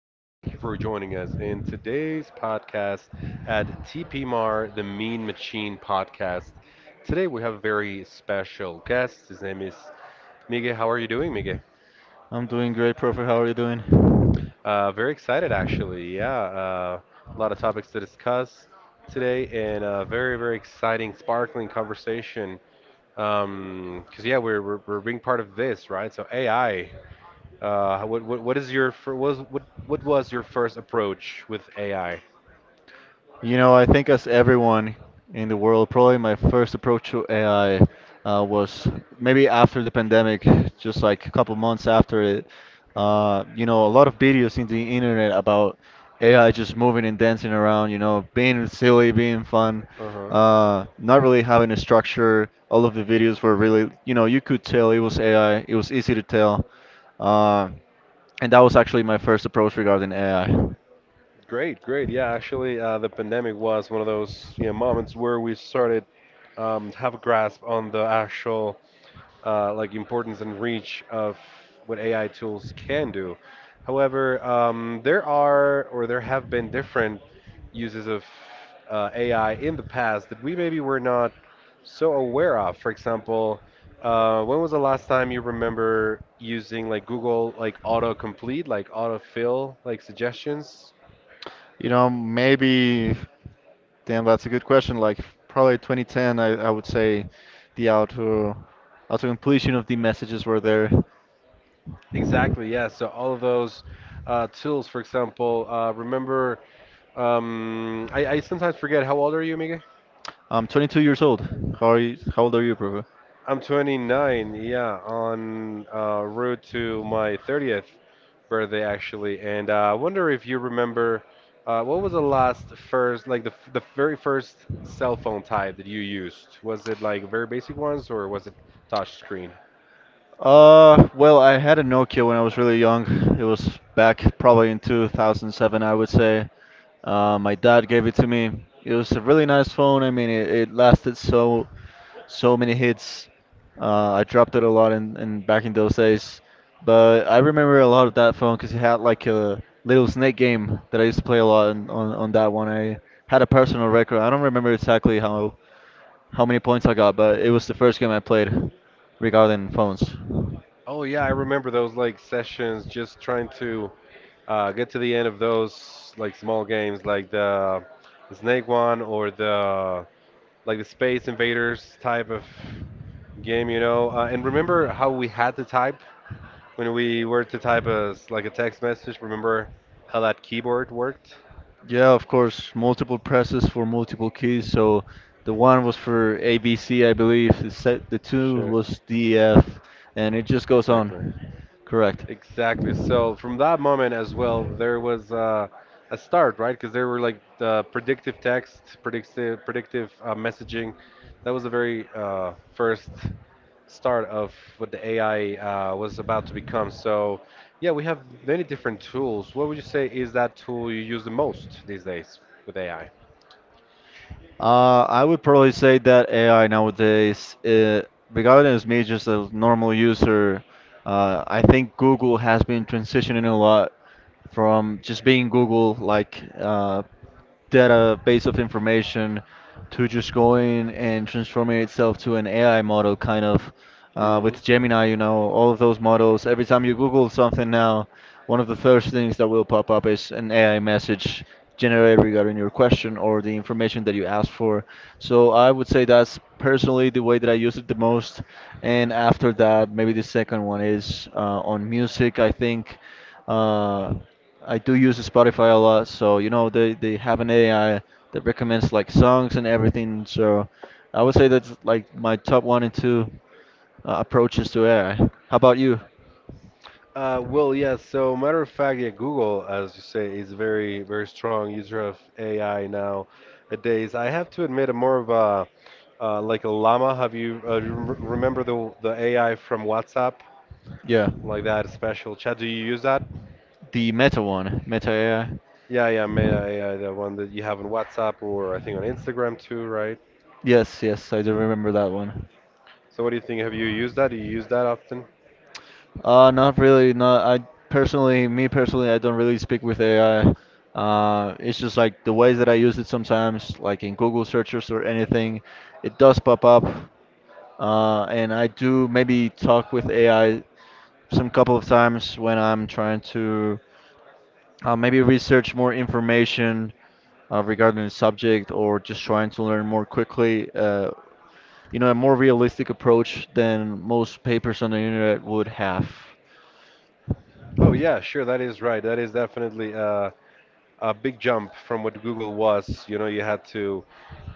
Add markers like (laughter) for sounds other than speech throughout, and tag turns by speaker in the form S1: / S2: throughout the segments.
S1: and thank you for joining us in today's podcast at TPMAR, the Mean Machine podcast. Today we have a very special guest. His name is Miguel. How are you doing, Miguel?
S2: I'm doing great, Prophet. How are you doing?
S1: Very excited, actually. Yeah, a lot of topics to discuss today and a very, very exciting, sparkling conversation. Because, yeah, we're being part of this, right? So, AI. What is your fir- was what was your first approach with AI?
S2: You know, I think as everyone in the world, probably my first approach to AI was maybe after the pandemic, just like a couple months after it. You know, a lot of videos in the internet about AI just moving and dancing around, you know, being silly, being fun,
S1: Uh-huh.
S2: not really having a structure. All of the videos were really, you know, you could tell it was AI. It was easy to tell. Uh, and that was actually my first approach regarding AI.
S1: Great, great. Yeah, actually, the pandemic was one of those, you know, moments where we started to have a grasp on the actual like importance and reach of what AI tools can do. However, there are or there have been different uses of AI in the past that we maybe were not so aware of. For example, when was the last time you remember using like Google, like autocomplete, like autofill, like suggestions?
S2: You know, maybe, damn, that's a good question. Like, probably 2010, I would say the auto completion of the messages were there.
S1: Exactly, yeah. So all of those tools, for example, I sometimes forget. How old are you, Miguel?
S2: I'm 22 years old. How are you? How old are you, Prabhu?
S1: I'm 29, yeah, on route to my 30th birthday actually, and I wonder if you remember what was the last first, like the f- the very first cell phone type that you used. Was it like very basic ones or was it touch screen?
S2: Well, I had a Nokia when I was really young. It was back probably in 2007, I would say. My dad gave it to me. It was a really nice phone. I mean, it lasted so many hits. I dropped it a lot in back in those days, but I remember a lot of that phone because it had like a little snake game that I used to play a lot on that one. I had a personal record. I don't remember exactly how. How many points I got, but it was the first game I played regarding phones.
S1: Oh yeah, I remember those like sessions, just trying to get to the end of those like small games, like the snake one or the like the Space Invaders type of game, you know. And remember how we had to type when we were to type as like a text message? Remember how that keyboard worked?
S2: Yeah, of course, multiple presses for multiple keys. So the one was for A B C, I believe. The two
S1: Sure,
S2: was DF, and it just goes
S1: exactly.
S2: on. Correct.
S1: Exactly. So from that moment as well, there was a start, right? Because there were like the predictive text, predictive messaging. That was the very first start of what the AI was about to become. So yeah, we have many different tools. What would you say is that tool you use the most these days with AI?
S2: I would probably say that AI nowadays, regarding as me just a normal user, I think Google has been transitioning a lot from just being Google, like. Database of information to just going and transforming itself to an AI model, kind of.
S1: hmm
S2: With Gemini, you know, all of those models. Every time you Google something now, one of the first things that will pop up is an AI message generated regarding your question or the information that you asked for. So I would say that's personally the way that I use it the most. And after that, maybe the second one is on music. I think uh, I do use Spotify a lot, so you know they have an AI that recommends like songs and everything. So I would say that's like my top one and two approaches to AI. How about you?
S1: well, yeah. So, matter of fact, yeah, Google, as you say, is very, very strong user of AI nowadays. I have to admit, I'm more of a like a llama. Have you remember the AI from WhatsApp,
S2: Yeah,
S1: like that special chat? Do you use that?
S2: the Meta one, Meta AI.
S1: Yeah, yeah, the one that you have on WhatsApp or I think on Instagram too, right?
S2: Yes, yes, I do remember that one.
S1: So, what do you think? Have you used that? Do you use that often?
S2: Not really. Not I personally, me personally, I don't really speak with AI. It's just like the ways that I use it sometimes, like in Google searches or anything, it does pop up. And I do maybe talk with AI some couple of times when I'm trying to maybe research more information regarding the subject or just trying to learn more quickly. You know, a more realistic approach than most papers on the internet would have.
S1: Oh, yeah, sure. That is right. That is definitely a big jump from what Google was. You know, you had to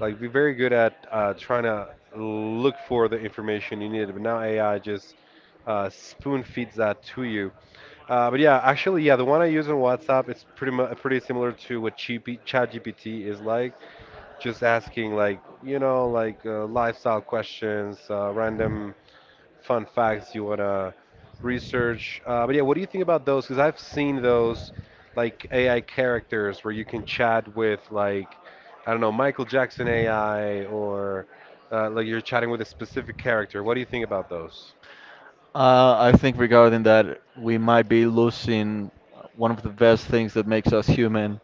S1: like be very good at trying to look for the information you needed, but now AI just spoon feeds that to you. But yeah, actually, yeah, the one I use on WhatsApp it's pretty much pretty similar to what GP, ChatGPT is like. Just asking like you know like lifestyle questions, random fun facts you want to research. But yeah, what do you think about those? Because I've seen those like AI characters where you can chat with like I don't know Michael Jackson AI or like you're chatting with a specific character. What do you think about those?
S2: I think regarding that, we might be losing one of the best things that makes us human,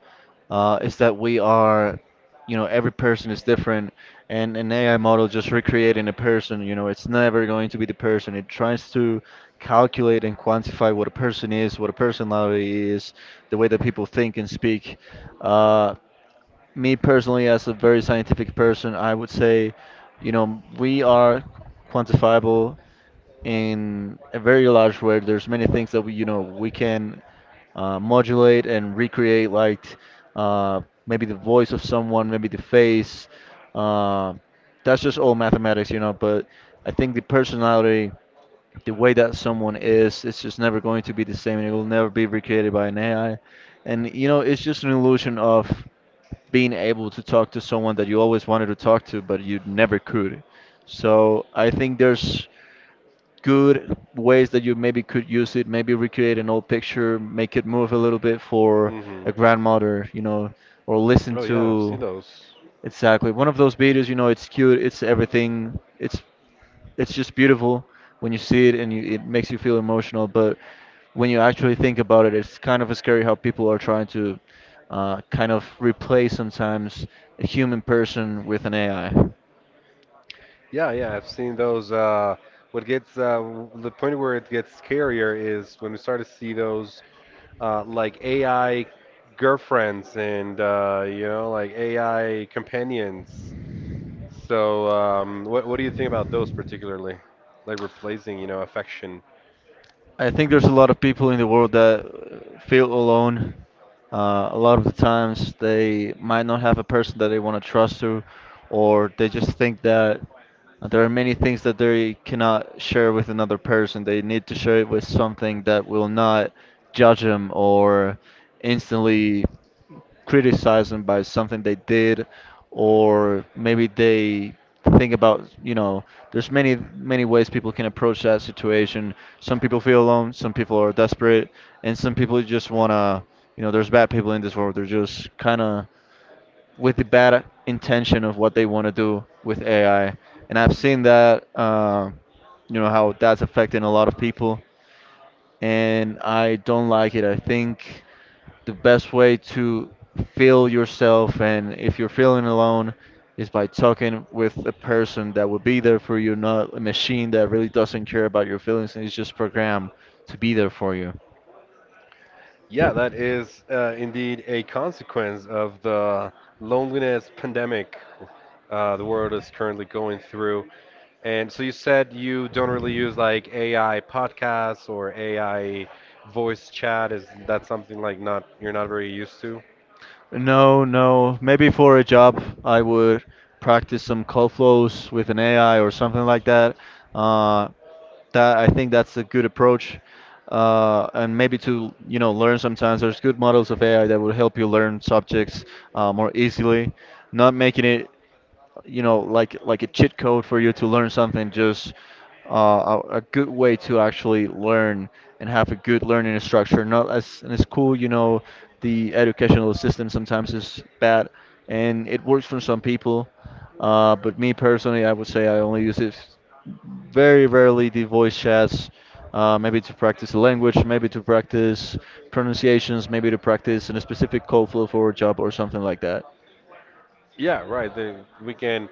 S2: is that we are, you know, every person is different, and an AI model just recreating a person, you know, it's never going to be the person. It tries to calculate and quantify what a person is, what a personality is, the way that people think and speak. Uh, Me personally, as a very scientific person, I would say, you know, we are quantifiable in a very large way. There's many things that we, you know, we can modulate and recreate, like maybe the voice of someone, maybe the face. Uh, that's just all mathematics, you know. But I think the personality, the way that someone is, it's just never going to be the same, and it will never be recreated by an AI. And you know, it's just an illusion of being able to talk to someone that you always wanted to talk to, but you never could. So I think there's good ways that you maybe could use it. Maybe recreate an old picture, make it move a little bit for
S1: hmm
S2: a grandmother, you know, or listen
S1: Oh yeah, I've
S2: to
S1: seen those.
S2: exactly one of those videos. You know, it's cute, it's everything, it's just beautiful when you see it and you, it makes you feel emotional. But when you actually think about it, it's kind of scary how people are trying to kind of replace sometimes a human person with an AI.
S1: Yeah, yeah, I've seen those. What gets the point where it gets scarier is when we start to see those like AI girlfriends and you know like AI companions. So, what do you think about those particularly? Like replacing, you know, affection.
S2: I think there's a lot of people in the world that feel alone. A lot of the times, they might not have a person that they want to trust to, or they just think that there are many things that they cannot share with another person. They need to share it with something that will not judge them or instantly criticized them by something they did, or maybe they think about, you know, there's many, many ways people can approach that situation. Some people feel alone, some people are desperate, and some people just want to, you know, there's bad people in this world. They're just kind of with the bad intention of what they want to do with AI. And I've seen that, you know, how that's affecting a lot of people and I don't like it. I think the best way to feel yourself and if you're feeling alone is by talking with a person that will be there for you, not a machine that really doesn't care about your feelings and is just programmed to be there for you.
S1: Yeah, that is indeed a consequence of the loneliness pandemic the world is currently going through. And so you said you don't really use like AI podcasts or AI voice chat. Is that something like not you're not very used to?
S2: No, no. Maybe for a job, I would practice some code flows with an AI or something like that. Uh, that I think that's a good approach. And maybe to, you know, learn sometimes there's good models of AI that will help you learn subjects more easily, not making it you know, like a cheat code for you to learn something, just a good way to actually learn and have a good learning structure. Not as in school, you know, the educational system sometimes is bad, and it works for some people. But me personally, I would say I only use it very rarely the voice chats. Maybe to practice the language, maybe to practice pronunciations, maybe to practice in a specific code flow for a job or something like that.
S1: Yeah, right. The, we can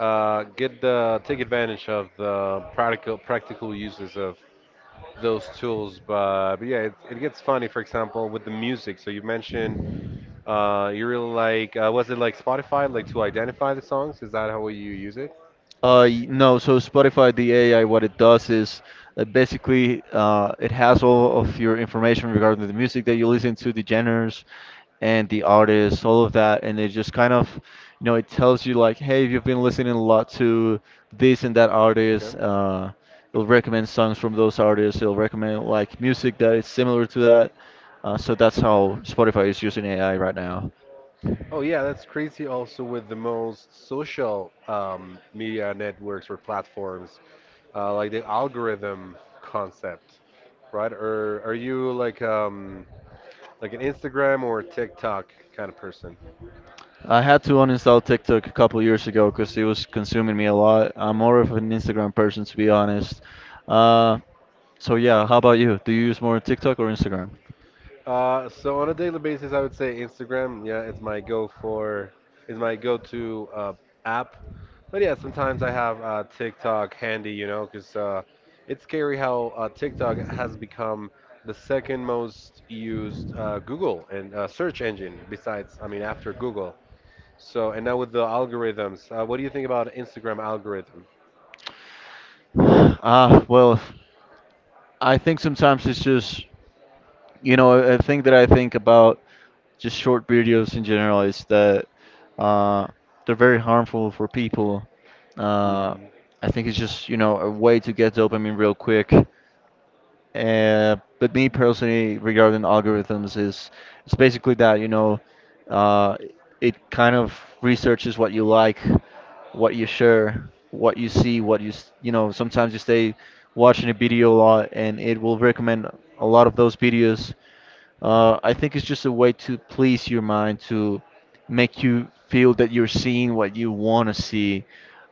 S1: get the take advantage of the practical uses of those tools. But yeah, it gets funny. For example, with the music. So you mentioned you really like, was it like Spotify, like to identify the songs? Is that how you use it?
S2: No, so Spotify, the AI, what it does is basically it has all of your information regarding the music that you listen to, the genres, and the artists, all of that, and it just kind of, you know, it tells you like, hey, if you've been listening a lot to this and that
S1: Okay.
S2: artist. It'll recommend songs from those artists. It'll recommend like music that is similar to that. So that's how Spotify is using AI right now.
S1: Oh yeah, that's crazy. Also with the most social media networks or platforms, like the algorithm concept, right? Or are you like an Instagram or TikTok kind of person?
S2: I had to uninstall TikTok a couple years ago because it was consuming me a lot. I'm more of an Instagram person, to be honest. Uh, so yeah, how about you? Do you use more TikTok or Instagram?
S1: So on a daily basis, I would say Instagram. Yeah, it's my go for, is my go-to app. But yeah, sometimes I have TikTok handy, you know, because it's scary how TikTok has become the second most used Google and search engine besides, I mean, after Google. So and now with the algorithms, what do you think about Instagram algorithm?
S2: Ah, well, I think sometimes it's just, you know, a thing that I think about just short videos in general is that uh, they're very harmful for people. Uh,
S1: hmm
S2: I think it's just, you know, a way to get dopamine real quick. But me personally, regarding algorithms, is it's basically that, you know, uh, it kind of researches what you like, what you share, what you see, what you, you know, sometimes you stay watching a video a lot and it will recommend a lot of those videos. I think it's just a way to please your mind, to make you feel that you're seeing what you want to see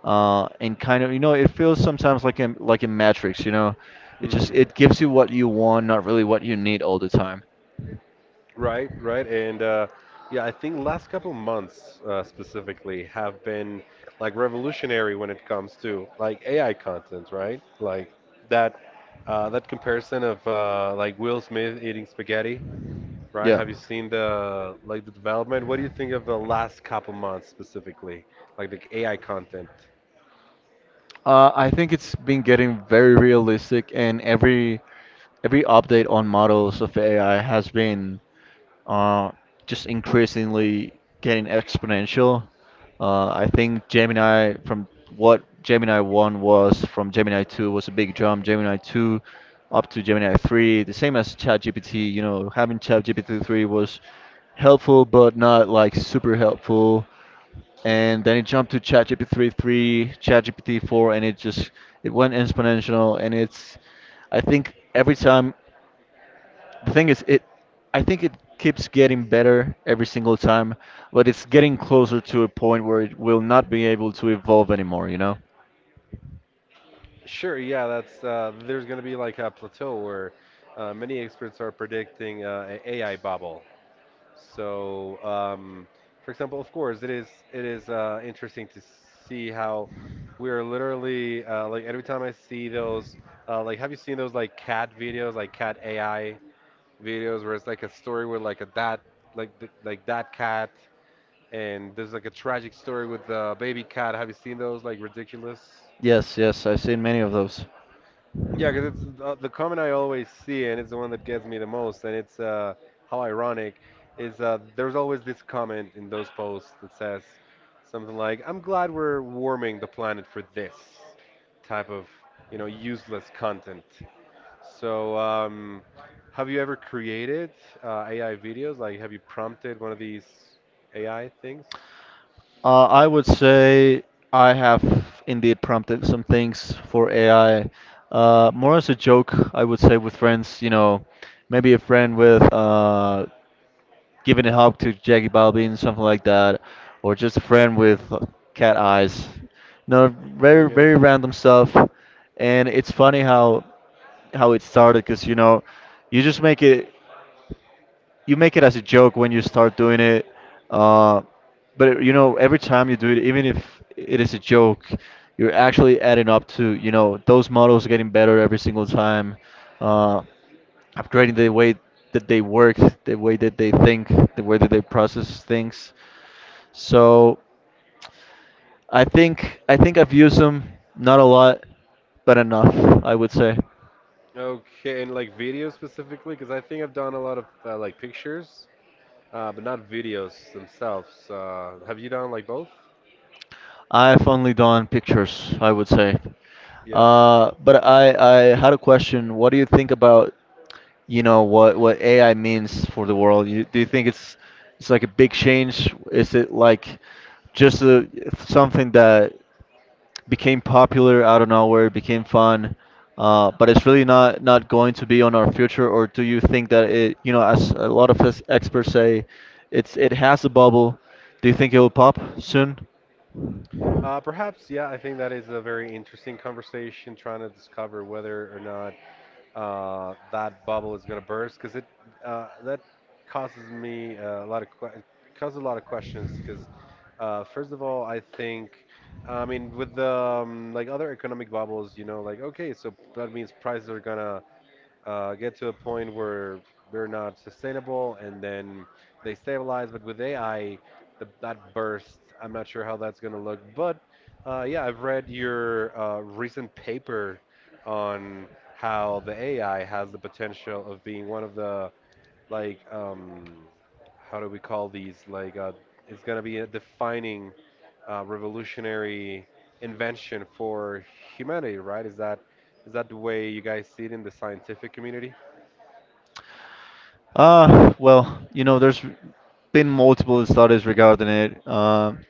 S2: and kind of you know it feels sometimes like in Matrix, you know, it just
S1: hmm
S2: it gives you what you want, not really what you need all the time.
S1: Right, right, and yeah, I think last couple months specifically have been like revolutionary when it comes to like AI content, right? Like that that comparison of like Will Smith eating spaghetti, right?
S2: Yeah.
S1: Have you seen the like the development? What do you think of the last couple months specifically, like the AI content?
S2: I think it's been getting very realistic, and every update on models of AI has been uh, just increasingly getting exponential. I think Gemini from what Gemini 1 was from Gemini 2 was a big jump. Gemini 2 up to Gemini 3, the same as ChatGPT, you know, having ChatGPT 3 was helpful but not like super helpful and then it jumped to ChatGPT 3, three, ChatGPT 4, and it just it went exponential. And it's, I think every time, the thing is, it, I think it keeps getting better every single time, but it's getting closer to a point where it will not be able to evolve anymore. You know?
S1: Sure, yeah, that's there's going to be like a plateau where many experts are predicting an AI bubble. So, for example, of course, it is interesting to see how we are literally like every time I see those like have you seen those like cat videos like cat AI videos where it's like a story with like a that like that cat and there's like a tragic story with the baby cat. Have you seen those like ridiculous?
S2: Yes, yes, I've seen many of those.
S1: Yeah, because it's the comment I always see, and it's the one that gets me the most, and it's how ironic is there's always this comment in those posts that says something like, "I'm glad we're warming the planet for this type of, you know, useless content." So, have you ever created AI videos? Like, have you prompted one of these AI things?
S2: I would say I have indeed prompted some things for AI. More as a joke, I would say with friends, you know, maybe a friend with giving a hug to Jackie Balvin, something like that, or just a friend with cat eyes. No, very
S1: Okay.
S2: very random stuff, and it's funny how it started because you know, you just make it. You make it as a joke when you start doing it uh, but you know every time you do it even if it is a joke you're actually adding up to you know those models getting better every single time uh, upgrading the way that they work, the way that they think, the way that they process things. So I think I've used them, not a lot but enough, I would say.
S1: Okay, and like videos specifically, because I think I've done a lot of like pictures. But not videos themselves. Have you done like both?
S2: I've only done pictures, I would say.
S1: Yeah.
S2: But I had a question. What do you think about, you know, what AI means for the world? Do you think it's like a big change? Is it like just something that became popular out of nowhere, became fun, but it's really not going to be on our future? Or do you think that it, you know, as a lot of us experts say, it has a bubble. Do you think it will pop soon?
S1: Perhaps, yeah, I think that is a very interesting conversation trying to discover whether or not that bubble is gonna burst because it that causes me a lot of que- causes a lot of questions because first of all I think I mean with the like other economic bubbles you know like okay so that means prices are gonna get to a point where they're not sustainable and then they stabilize. But with AI, the, that burst, I'm not sure how that's going to look. But yeah, I've read your recent paper on how the AI has the potential of being one of the like how do we call these? Like it's gonna be a defining revolutionary invention for humanity, right? Is that the way you guys see it in the scientific community?
S2: Well, you know, there's been multiple studies regarding it.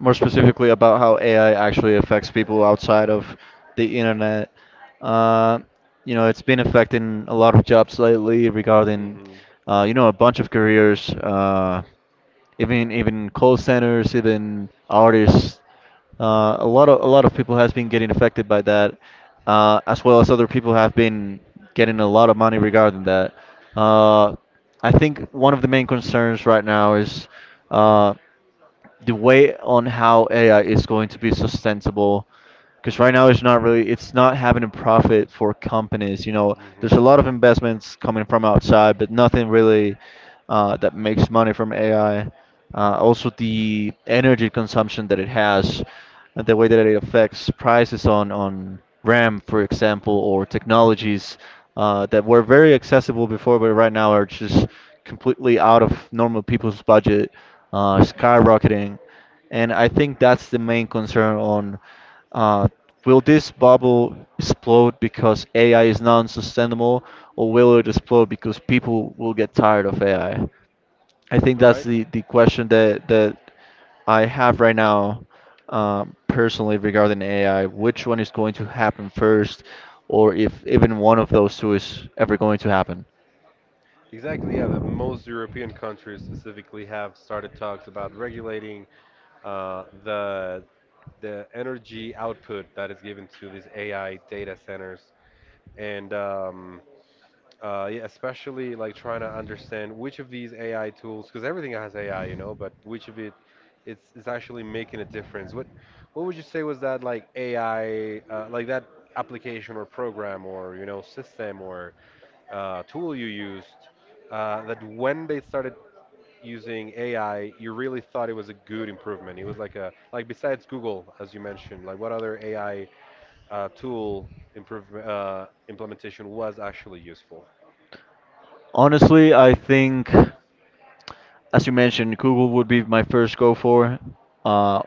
S2: More specifically about how AI actually affects people outside of the internet. Uh, you know, it's been affecting a lot of jobs lately regarding,
S1: hmm
S2: you know, a bunch of careers, even call centers, even artists. A lot of people has been getting affected by that, as well as other people have been getting a lot of money regarding that. Uh, I think one of the main concerns right now is. Uh, the way on how AI is going to be sustainable because right now it's not really it's not having a profit for companies. You know, there's a lot of investments coming from outside, but nothing really that makes money from AI. Also, the energy consumption that it has, and the way that it affects prices on RAM, for example, or technologies that were very accessible before, but right now are just completely out of normal people's budget, skyrocketing. And I think that's the main concern on uh, will this bubble explode because AI is non-sustainable, or will it explode because people will get tired of AI? I think that's
S1: Right.
S2: the question that I have right now, personally regarding AI. Which one is going to happen first, or if even one of those two is ever going to happen?
S1: Exactly. Yeah, the most European countries specifically have started talks about regulating the the energy output that is given to these AI data centers, and yeah, especially like trying to understand which of these AI tools, because everything has AI, you know, but which of it it's is actually making a difference. What would you say was that like AI, like that application or program or you know system or tool you used that when they started using AI, you really thought it was a good improvement. It was like a like besides Google, as you mentioned, like what other AI tool improve, implementation was actually useful?
S2: Honestly, I think, as you mentioned, Google would be my first go for uh,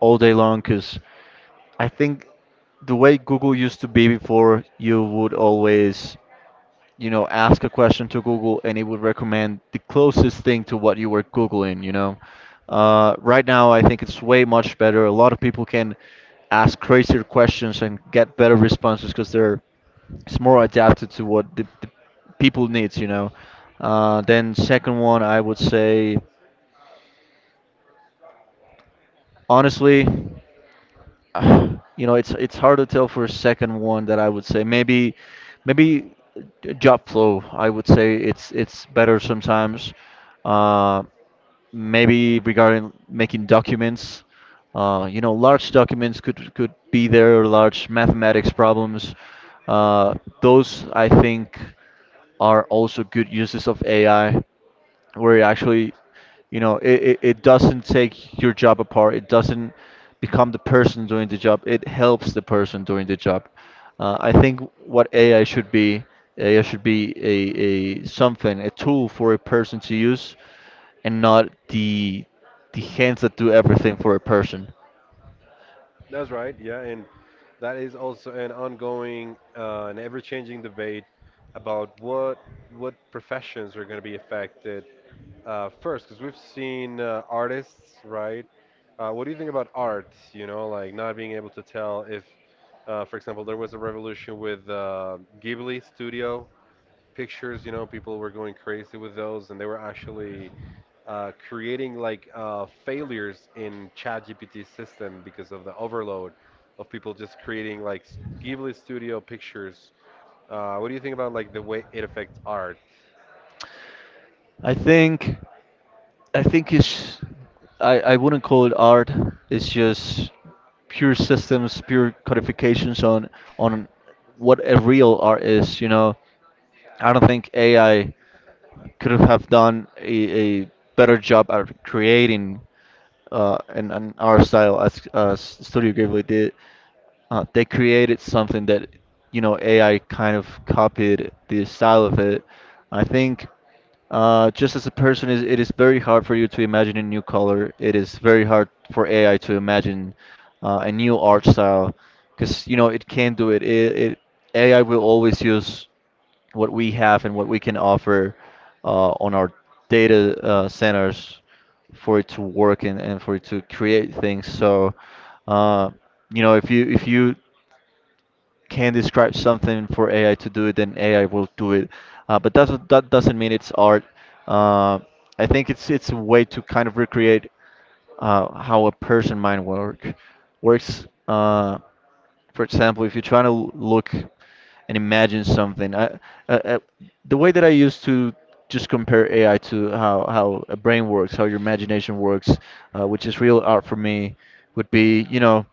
S2: all day long because I think the way Google used to be before, you would always you know, ask a question to Google and it would recommend the closest thing to what you were Googling, you know. Right now, I think it's way much better. A lot of people can ask crazier questions and get better responses because they're it's more adapted to what the people needs, you know. Then second one, I would say honestly. (sighs) uh, you know, it's hard to tell for a second one that I would say maybe job flow. I would say it's better sometimes. Uh, maybe regarding making documents. You know, large documents could be there, large mathematics problems. Uh, those I think are also good uses of AI where it actually, you know, it doesn't take your job apart. It doesn't become the person doing the job. It helps the person doing the job. I think what AI should be, AI should be a something, a tool for a person to use, and not the hands that do everything for a person.
S1: That's right, yeah, and that is also an ongoing and ever-changing debate about what professions are going to be affected first, because we've seen artists, right? What do you think about art? You know, like not being able to tell if, for example, there was a revolution with Ghibli studio pictures. You know, people were going crazy with those, and they were actually creating like failures in ChatGPT system because of the overload of people just creating like Ghibli studio pictures. What do you think about like the way it affects art?
S2: I think. I think it's I wouldn't call it art. It's just pure systems, pure codifications on what a real art is. You know, I don't think AI could have done a better job at creating an art style as Studio Ghibli did. They created something that you know AI kind of copied the style of it. I think. Just as a person, is very hard for you to imagine a new color. It is very hard for AI to imagine a new art style, because you know it can't do it. AI will always use what we have and what we can offer on our data centers for it to work and for it to create things. So, uh, you know, if you can describe something for AI to do it, then AI will do it. But doesn't mean it's art. Uh, I think it's a way to kind of recreate how a person mind works. For example, if you're trying to look and imagine something, uh, uh, the way that I used to just compare AI to how a brain works, how your imagination works, which is real art for me, would be, you know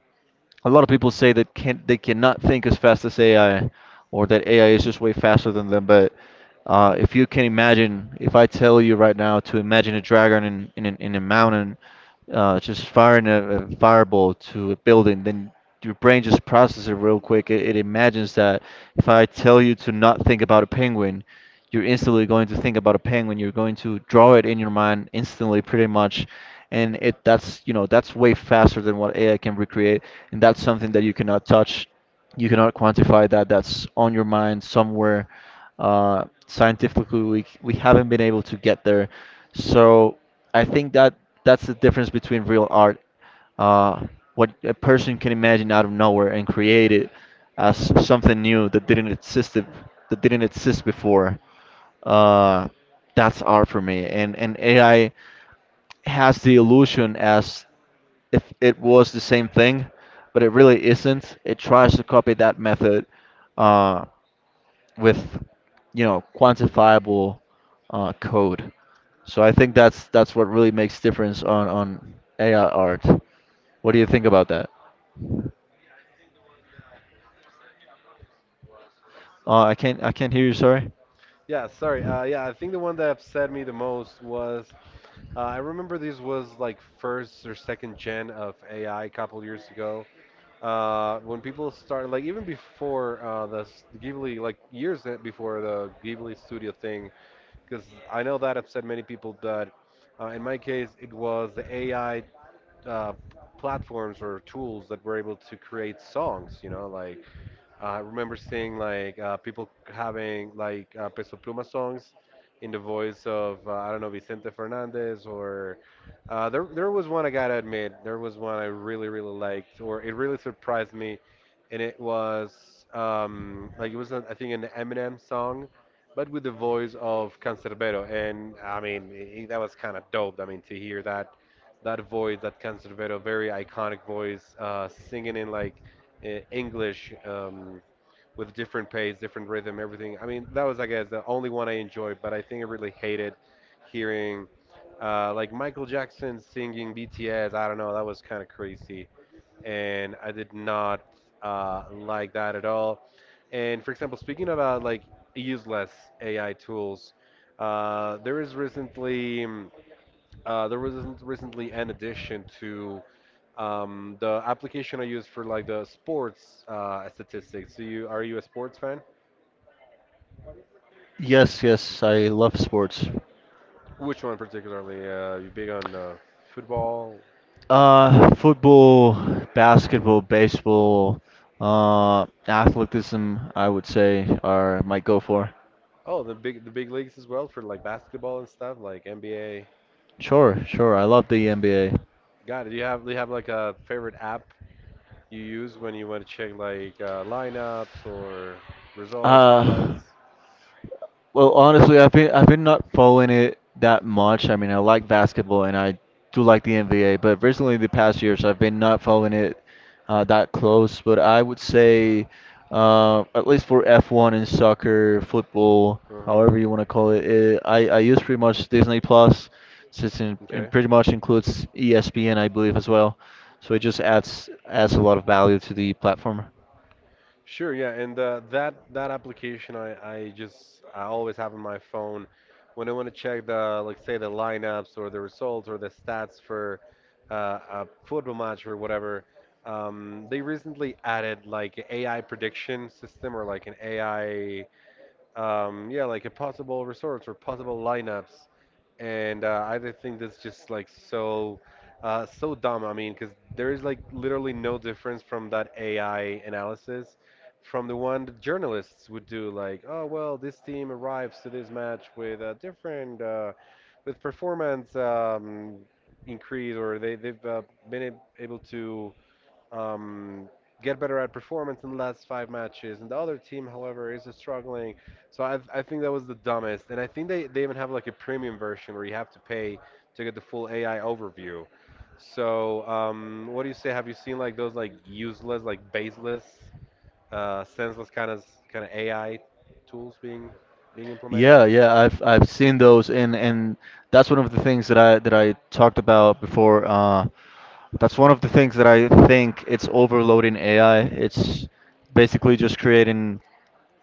S2: a lot of people say that can't they cannot think as fast as AI, or that AI is just way faster than them. But if you can imagine, if I tell you right now to imagine a dragon in in a mountain, just firing a fireball to a building, then your brain just processes it real quick. It imagines that. If I tell you to not think about a penguin, you're instantly going to think about a penguin. You're going to draw it in your mind instantly, pretty much, and it that's you know that's way faster than what AI can recreate, and that's something that you cannot touch, you cannot quantify that. That's on your mind somewhere. Scientifically, we haven't been able to get there, so I think that that's the difference between real art, uh, what a person can imagine out of nowhere and create it as something new that didn't exist before. Uh, that's art for me, and AI has the illusion as if it was the same thing, but it really isn't. It tries to copy that method. Uh, with you know quantifiable code. So I think that's what really makes difference on AI art. What do you think about that? I can't hear you. Sorry.
S1: Yeah, sorry. Yeah, I think the one that upset me the most was I remember this was like first or second gen of AI couple years ago. When people started, like even before Ghibli, like before the Ghibli studio thing, because I know that upset many people. That in my case, it was the AI uh, platforms or tools that were able to create songs. Like I remember seeing like people having like Peso Pluma songs in the voice of I don't know, Vicente Fernandez, or there was one. I gotta admit, there was one I really liked, or it really surprised me, and it was like it was I think an Eminem song, but with the voice of Cancerbero. And I mean, I that was kind of dope. I mean, to hear that voice, that Cancerbero, very iconic voice, singing in like English with different pace, different rhythm, everything. I mean, that was, I guess, the only one I enjoyed. But I think I really hated hearing like Michael Jackson singing BTS. I don't know, that was kind of crazy. And I did not like that at all. And for example, speaking about like useless AI tools, there is recently. There was recently an addition to the application I use for like the sports statistics. So you a sports fan?
S2: Yes, yes, I love sports.
S1: Which one particularly? You big on football?
S2: Football, basketball, baseball, athleticism. I would say are might go for.
S1: Oh, the big leagues as well, for like basketball and stuff like NBA.
S2: Sure, sure. I love the NBA.
S1: Got it. Do you have like a favorite app you use when you want to check like lineups or results,
S2: Uh,
S1: highlights?
S2: Well, honestly, I've been not following it that much. I mean, I like basketball and I do like the NBA, but recently the past years I've been not following it that close. But I would say, at least for F1 and soccer, football,
S1: Uh-huh.
S2: however you want to call it, I use pretty much Disney Plus, since it
S1: Okay.
S2: pretty much includes ESPN, I believe as well. So it just adds a lot of value to the platform.
S1: Sure, yeah, and that application, I always have on my phone when I want to check the, like say, the lineups or the results or the stats for a football match or whatever. They recently added like AI prediction system or like an AI yeah, like a possible resorts or possible lineups. And I just think that's just like so so dumb. I mean, because there is like literally no difference from that AI analysis from the one the journalists would do. Like, oh well, this team arrives to this match with a different, with performance increase, or they've been able to um, get better at performance in the last five matches. And the other team, however, is struggling. So I think that was the dumbest. And I think they even have like a premium version where you have to pay to get the full AI overview. So what do you say? Have you seen like those like useless, like baseless, senseless kind of AI tools being implemented?
S2: Yeah, yeah, I've seen those, and that's one of the things that I talked about before. That's one of the things that I think it's overloading AI. It's basically just creating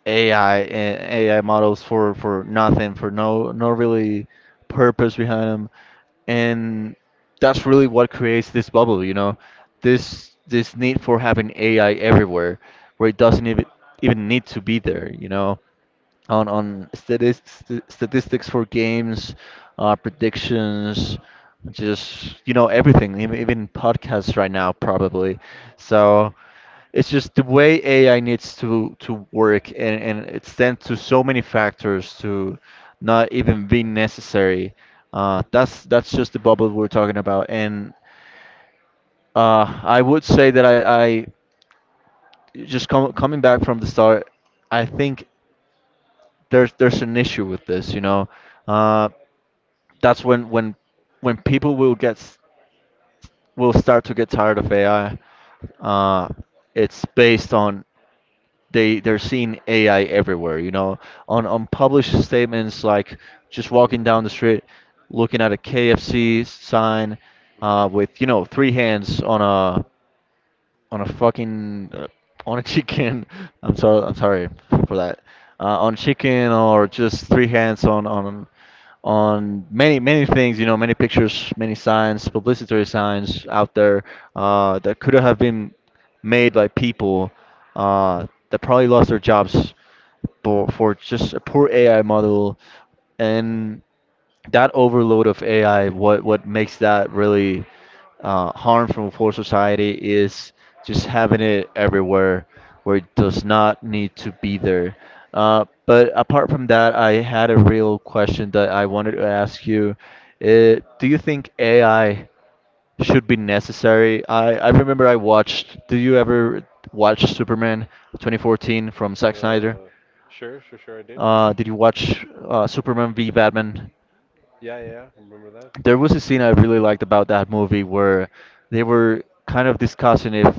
S2: AI AI models for nothing, for no really purpose behind them, and that's really what creates this bubble, you know, this need for having AI everywhere, where it doesn't even need to be there, you know on statis- st statistics for games, predictions, just you know everything, even podcasts right now probably. So it's just the way AI needs to work, and it's sent to so many factors to not even be necessary. That's just the bubble we're talking about, and I would say that I just coming back from the start, I think there's an issue with this, you know. Uh, that's when people will will start to get tired of AI. Uh, it's based on they're seeing AI everywhere, you know, on published statements like just walking
S1: hmm
S2: down the street, looking at a KFC sign,
S1: hmm
S2: with you know three hands on a fucking on a chicken. (laughs) I'm sorry. I'm sorry for that. On chicken or just three hands on on many many things. You know, many pictures, many signs, publicitary signs out there, that could have been made by people that probably lost their jobs for just a poor AI model and that overload of AI.
S1: Right.
S2: What makes that really harmful for society is just having it everywhere where it does not need to be there. But apart from that, I had a real question that I wanted to ask you. Do you think AI should be necessary? I remember I watched. Do you ever watch Superman 2014 from Zack Snyder?
S1: Uh, sure, sure, sure, I did.
S2: Did you watch Superman v Batman?
S1: Yeah, yeah, yeah, remember that?
S2: There was a scene I really liked about that movie where they were kind of discussing if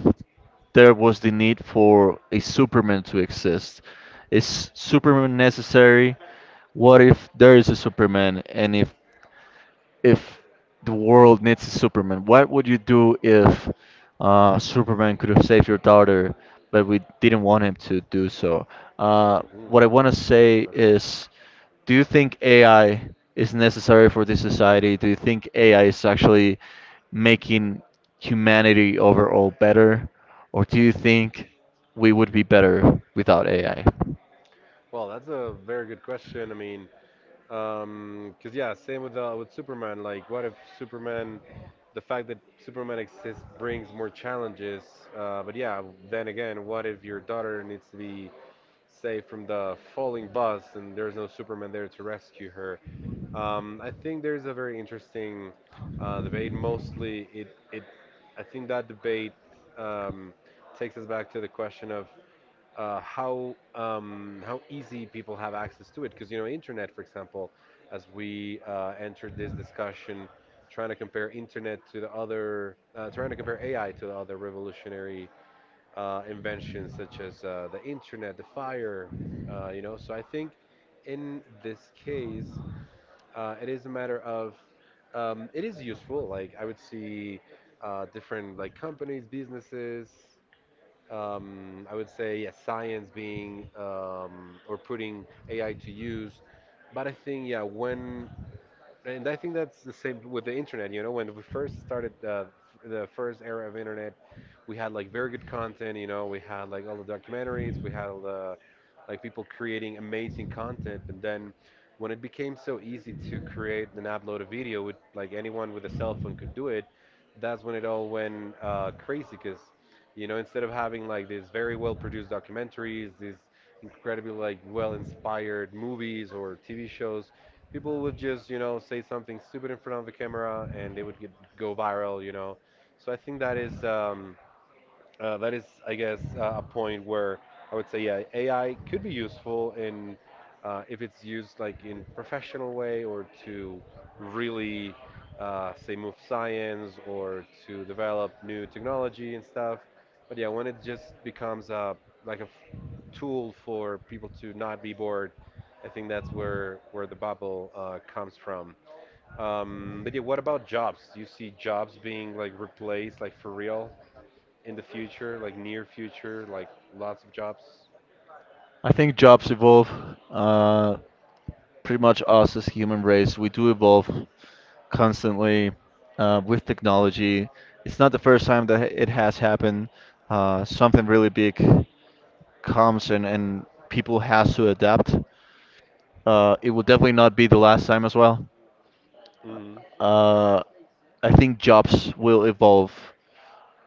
S2: there was the need for a Superman to exist. Is Superman necessary? What if there is a Superman and if the world needs a Superman? What would you do if Superman could have saved your daughter, but we didn't want him to do so?
S1: Mm,
S2: What I want to
S1: good
S2: say
S1: question.
S2: is, do you think AI is necessary for this society? Do you think AI is actually making humanity overall better, or do you think we would be better without AI? I
S1: Well, that's a very good question. I mean, because yeah, same with Superman. Like, what if Superman, the fact that Superman exists brings more challenges? But yeah, then again, what if your daughter needs to be saved from the falling bus and there's no Superman there to rescue her? I think there's a very interesting debate. Mostly, it I think that debate um, takes us back to the question of how easy people have access to it. Because you know, internet, for example, as we entered this discussion, trying to compare internet to the other, trying to compare AI to the other revolutionary inventions, such as the internet, the fire. You know, so I think in this case, it is a matter of it is useful. Like I would see different like companies, businesses, I would say yeah, science being or putting AI to use. But I think yeah, when and I think that's the same with the internet. You know, when we first started the first era of internet, we had like very good content. You know, we had like all the documentaries, we had all the like people creating amazing content. And then when it became so easy to create and upload a video, with like anyone with a cell phone could do it, that's when it all went crazy. Because you know, instead of having like these very well produced documentaries, these incredibly like well inspired movies or TV shows, people would just, you know, say something stupid in front of the camera, and they would get go viral, you know. So I think that is, I guess, a point where I would say, yeah, AI could be useful in if it's used like in professional way, or to really say move science or to develop new technology and stuff. But yeah, when it just becomes a like a tool for people to not be bored, I think that's where the bubble comes from. But yeah, what about jobs? Do you see jobs being like replaced, like for real, in the future, like near future, like lots of jobs?
S2: I think jobs evolve. Uh, Pretty much us as human race, we do evolve constantly with technology. It's not the first time that it has happened. Something really big comes, and people has to adapt. It will definitely not be the last time as well.
S1: hmm
S2: Uh, I think jobs will evolve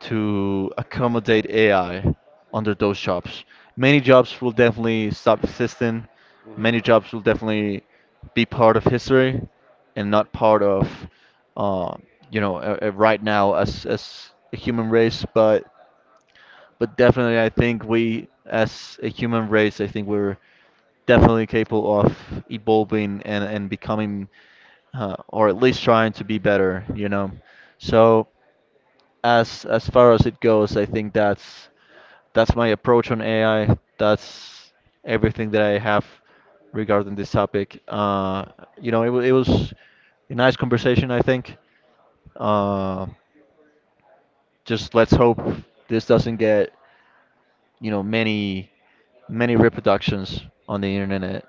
S2: to accommodate AI under those jobs. Many jobs will definitely stop existing.
S1: hmm
S2: Many jobs will definitely be part of history and not part of, uh, you know, right now as a human race. But definitely, I think we, as a human race, I think we're definitely capable of evolving and becoming, or at least trying to be better, you know. So as far as it goes, I think that's my approach on AI. That's everything that I have regarding this topic. You know, it was a nice conversation, I think. Uh, just let's hope this doesn't get, you know, many reproductions on the internet.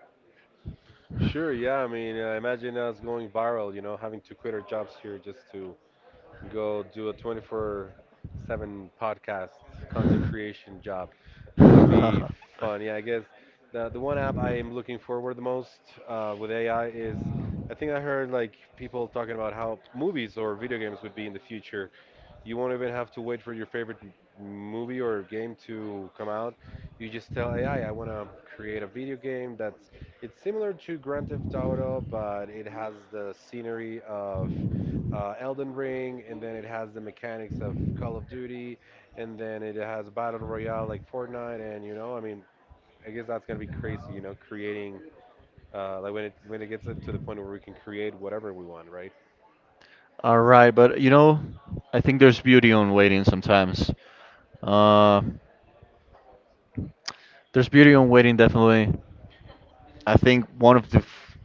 S1: Sure, yeah. I mean, imagine us going viral, you know, having to quit our jobs here just to go do a 24/7 podcast content creation job. That would be
S2: (laughs)
S1: fun. Yeah, I guess the one app I am looking forward the most with AI is, I think I heard like people talking about how movies or video games would be in the future. You won't even have to wait for your favorite movie or game to come out. You just tell AI, I want to create a video game that's it's similar to Grand Theft Auto, but it has the scenery of Elden Ring, and then it has the mechanics of Call of Duty, and then it has battle royale like Fortnite. And you know, I mean, I guess that's gonna be crazy, you know, creating like when it gets to the point where we can create whatever we want, right?
S2: All right, but you know, I think there's beauty on waiting sometimes. Uh, there's beauty on waiting definitely. I think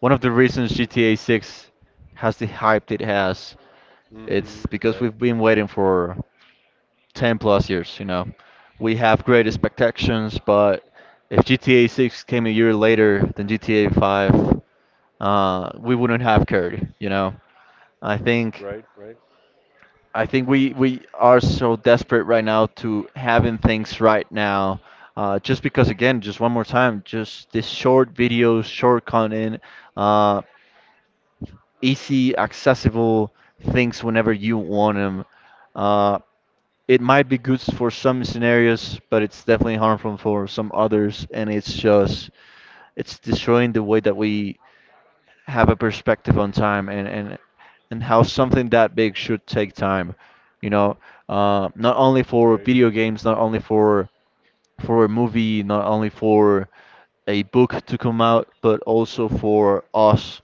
S2: one of the reasons GTA 6 has the hype it has, it's
S1: Mm-hmm.
S2: because
S1: Right.
S2: we've been waiting for 10 plus years, you know. We have great expectations, but if GTA 6 came a year later than GTA 5, we wouldn't have cared, you know. I think
S1: Right. Right.
S2: I think we are so desperate right now to having things right now. Just because again, just one more time, just this short videos, short content. Uh, Easy, accessible things whenever you want them. Uh, it might be good for some scenarios, but it's definitely harmful for some others, and it's just it's destroying the way that we have a perspective on time and how something that big should take time. You know, not only for
S1: Right.
S2: video games, not only for a movie, not only for a book to come out, but also for us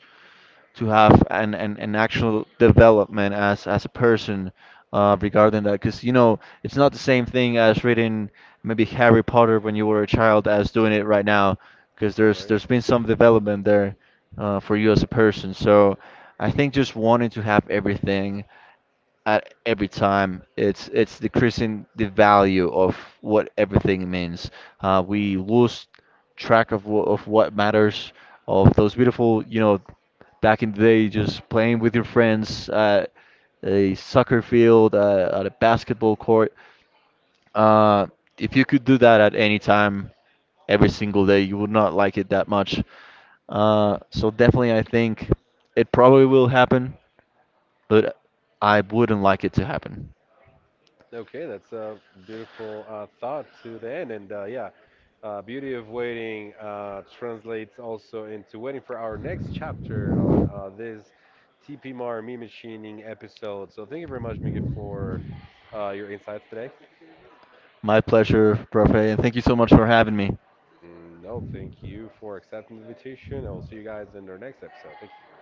S2: to have an actual development as a person regarding that, because you know it's not the same thing as reading maybe Harry Potter when you were a child as doing it right now, because there's
S1: Right.
S2: there's been some development there for you as a person. So I think just wanting to have everything at every time, it's decreasing the value of what everything means. We lose track of what matters. Of those beautiful, you know, back in the day, just playing with your friends at a soccer field, at a basketball court. Uh, if you could do that at any time, every single day, you would not like it that much. So definitely, I think it probably will happen, but I wouldn't like it to happen.
S1: Okay, that's a beautiful thought to the end. And yeah, Beauty of Waiting translates also into waiting for our next chapter on this TP Mar meme machining episode. So thank you very much, Miki, for your insights today.
S2: My pleasure, Profe, and thank you so much for having me.
S1: Mm, no, thank you for accepting the invitation. I will see you guys in our next episode. Thank you.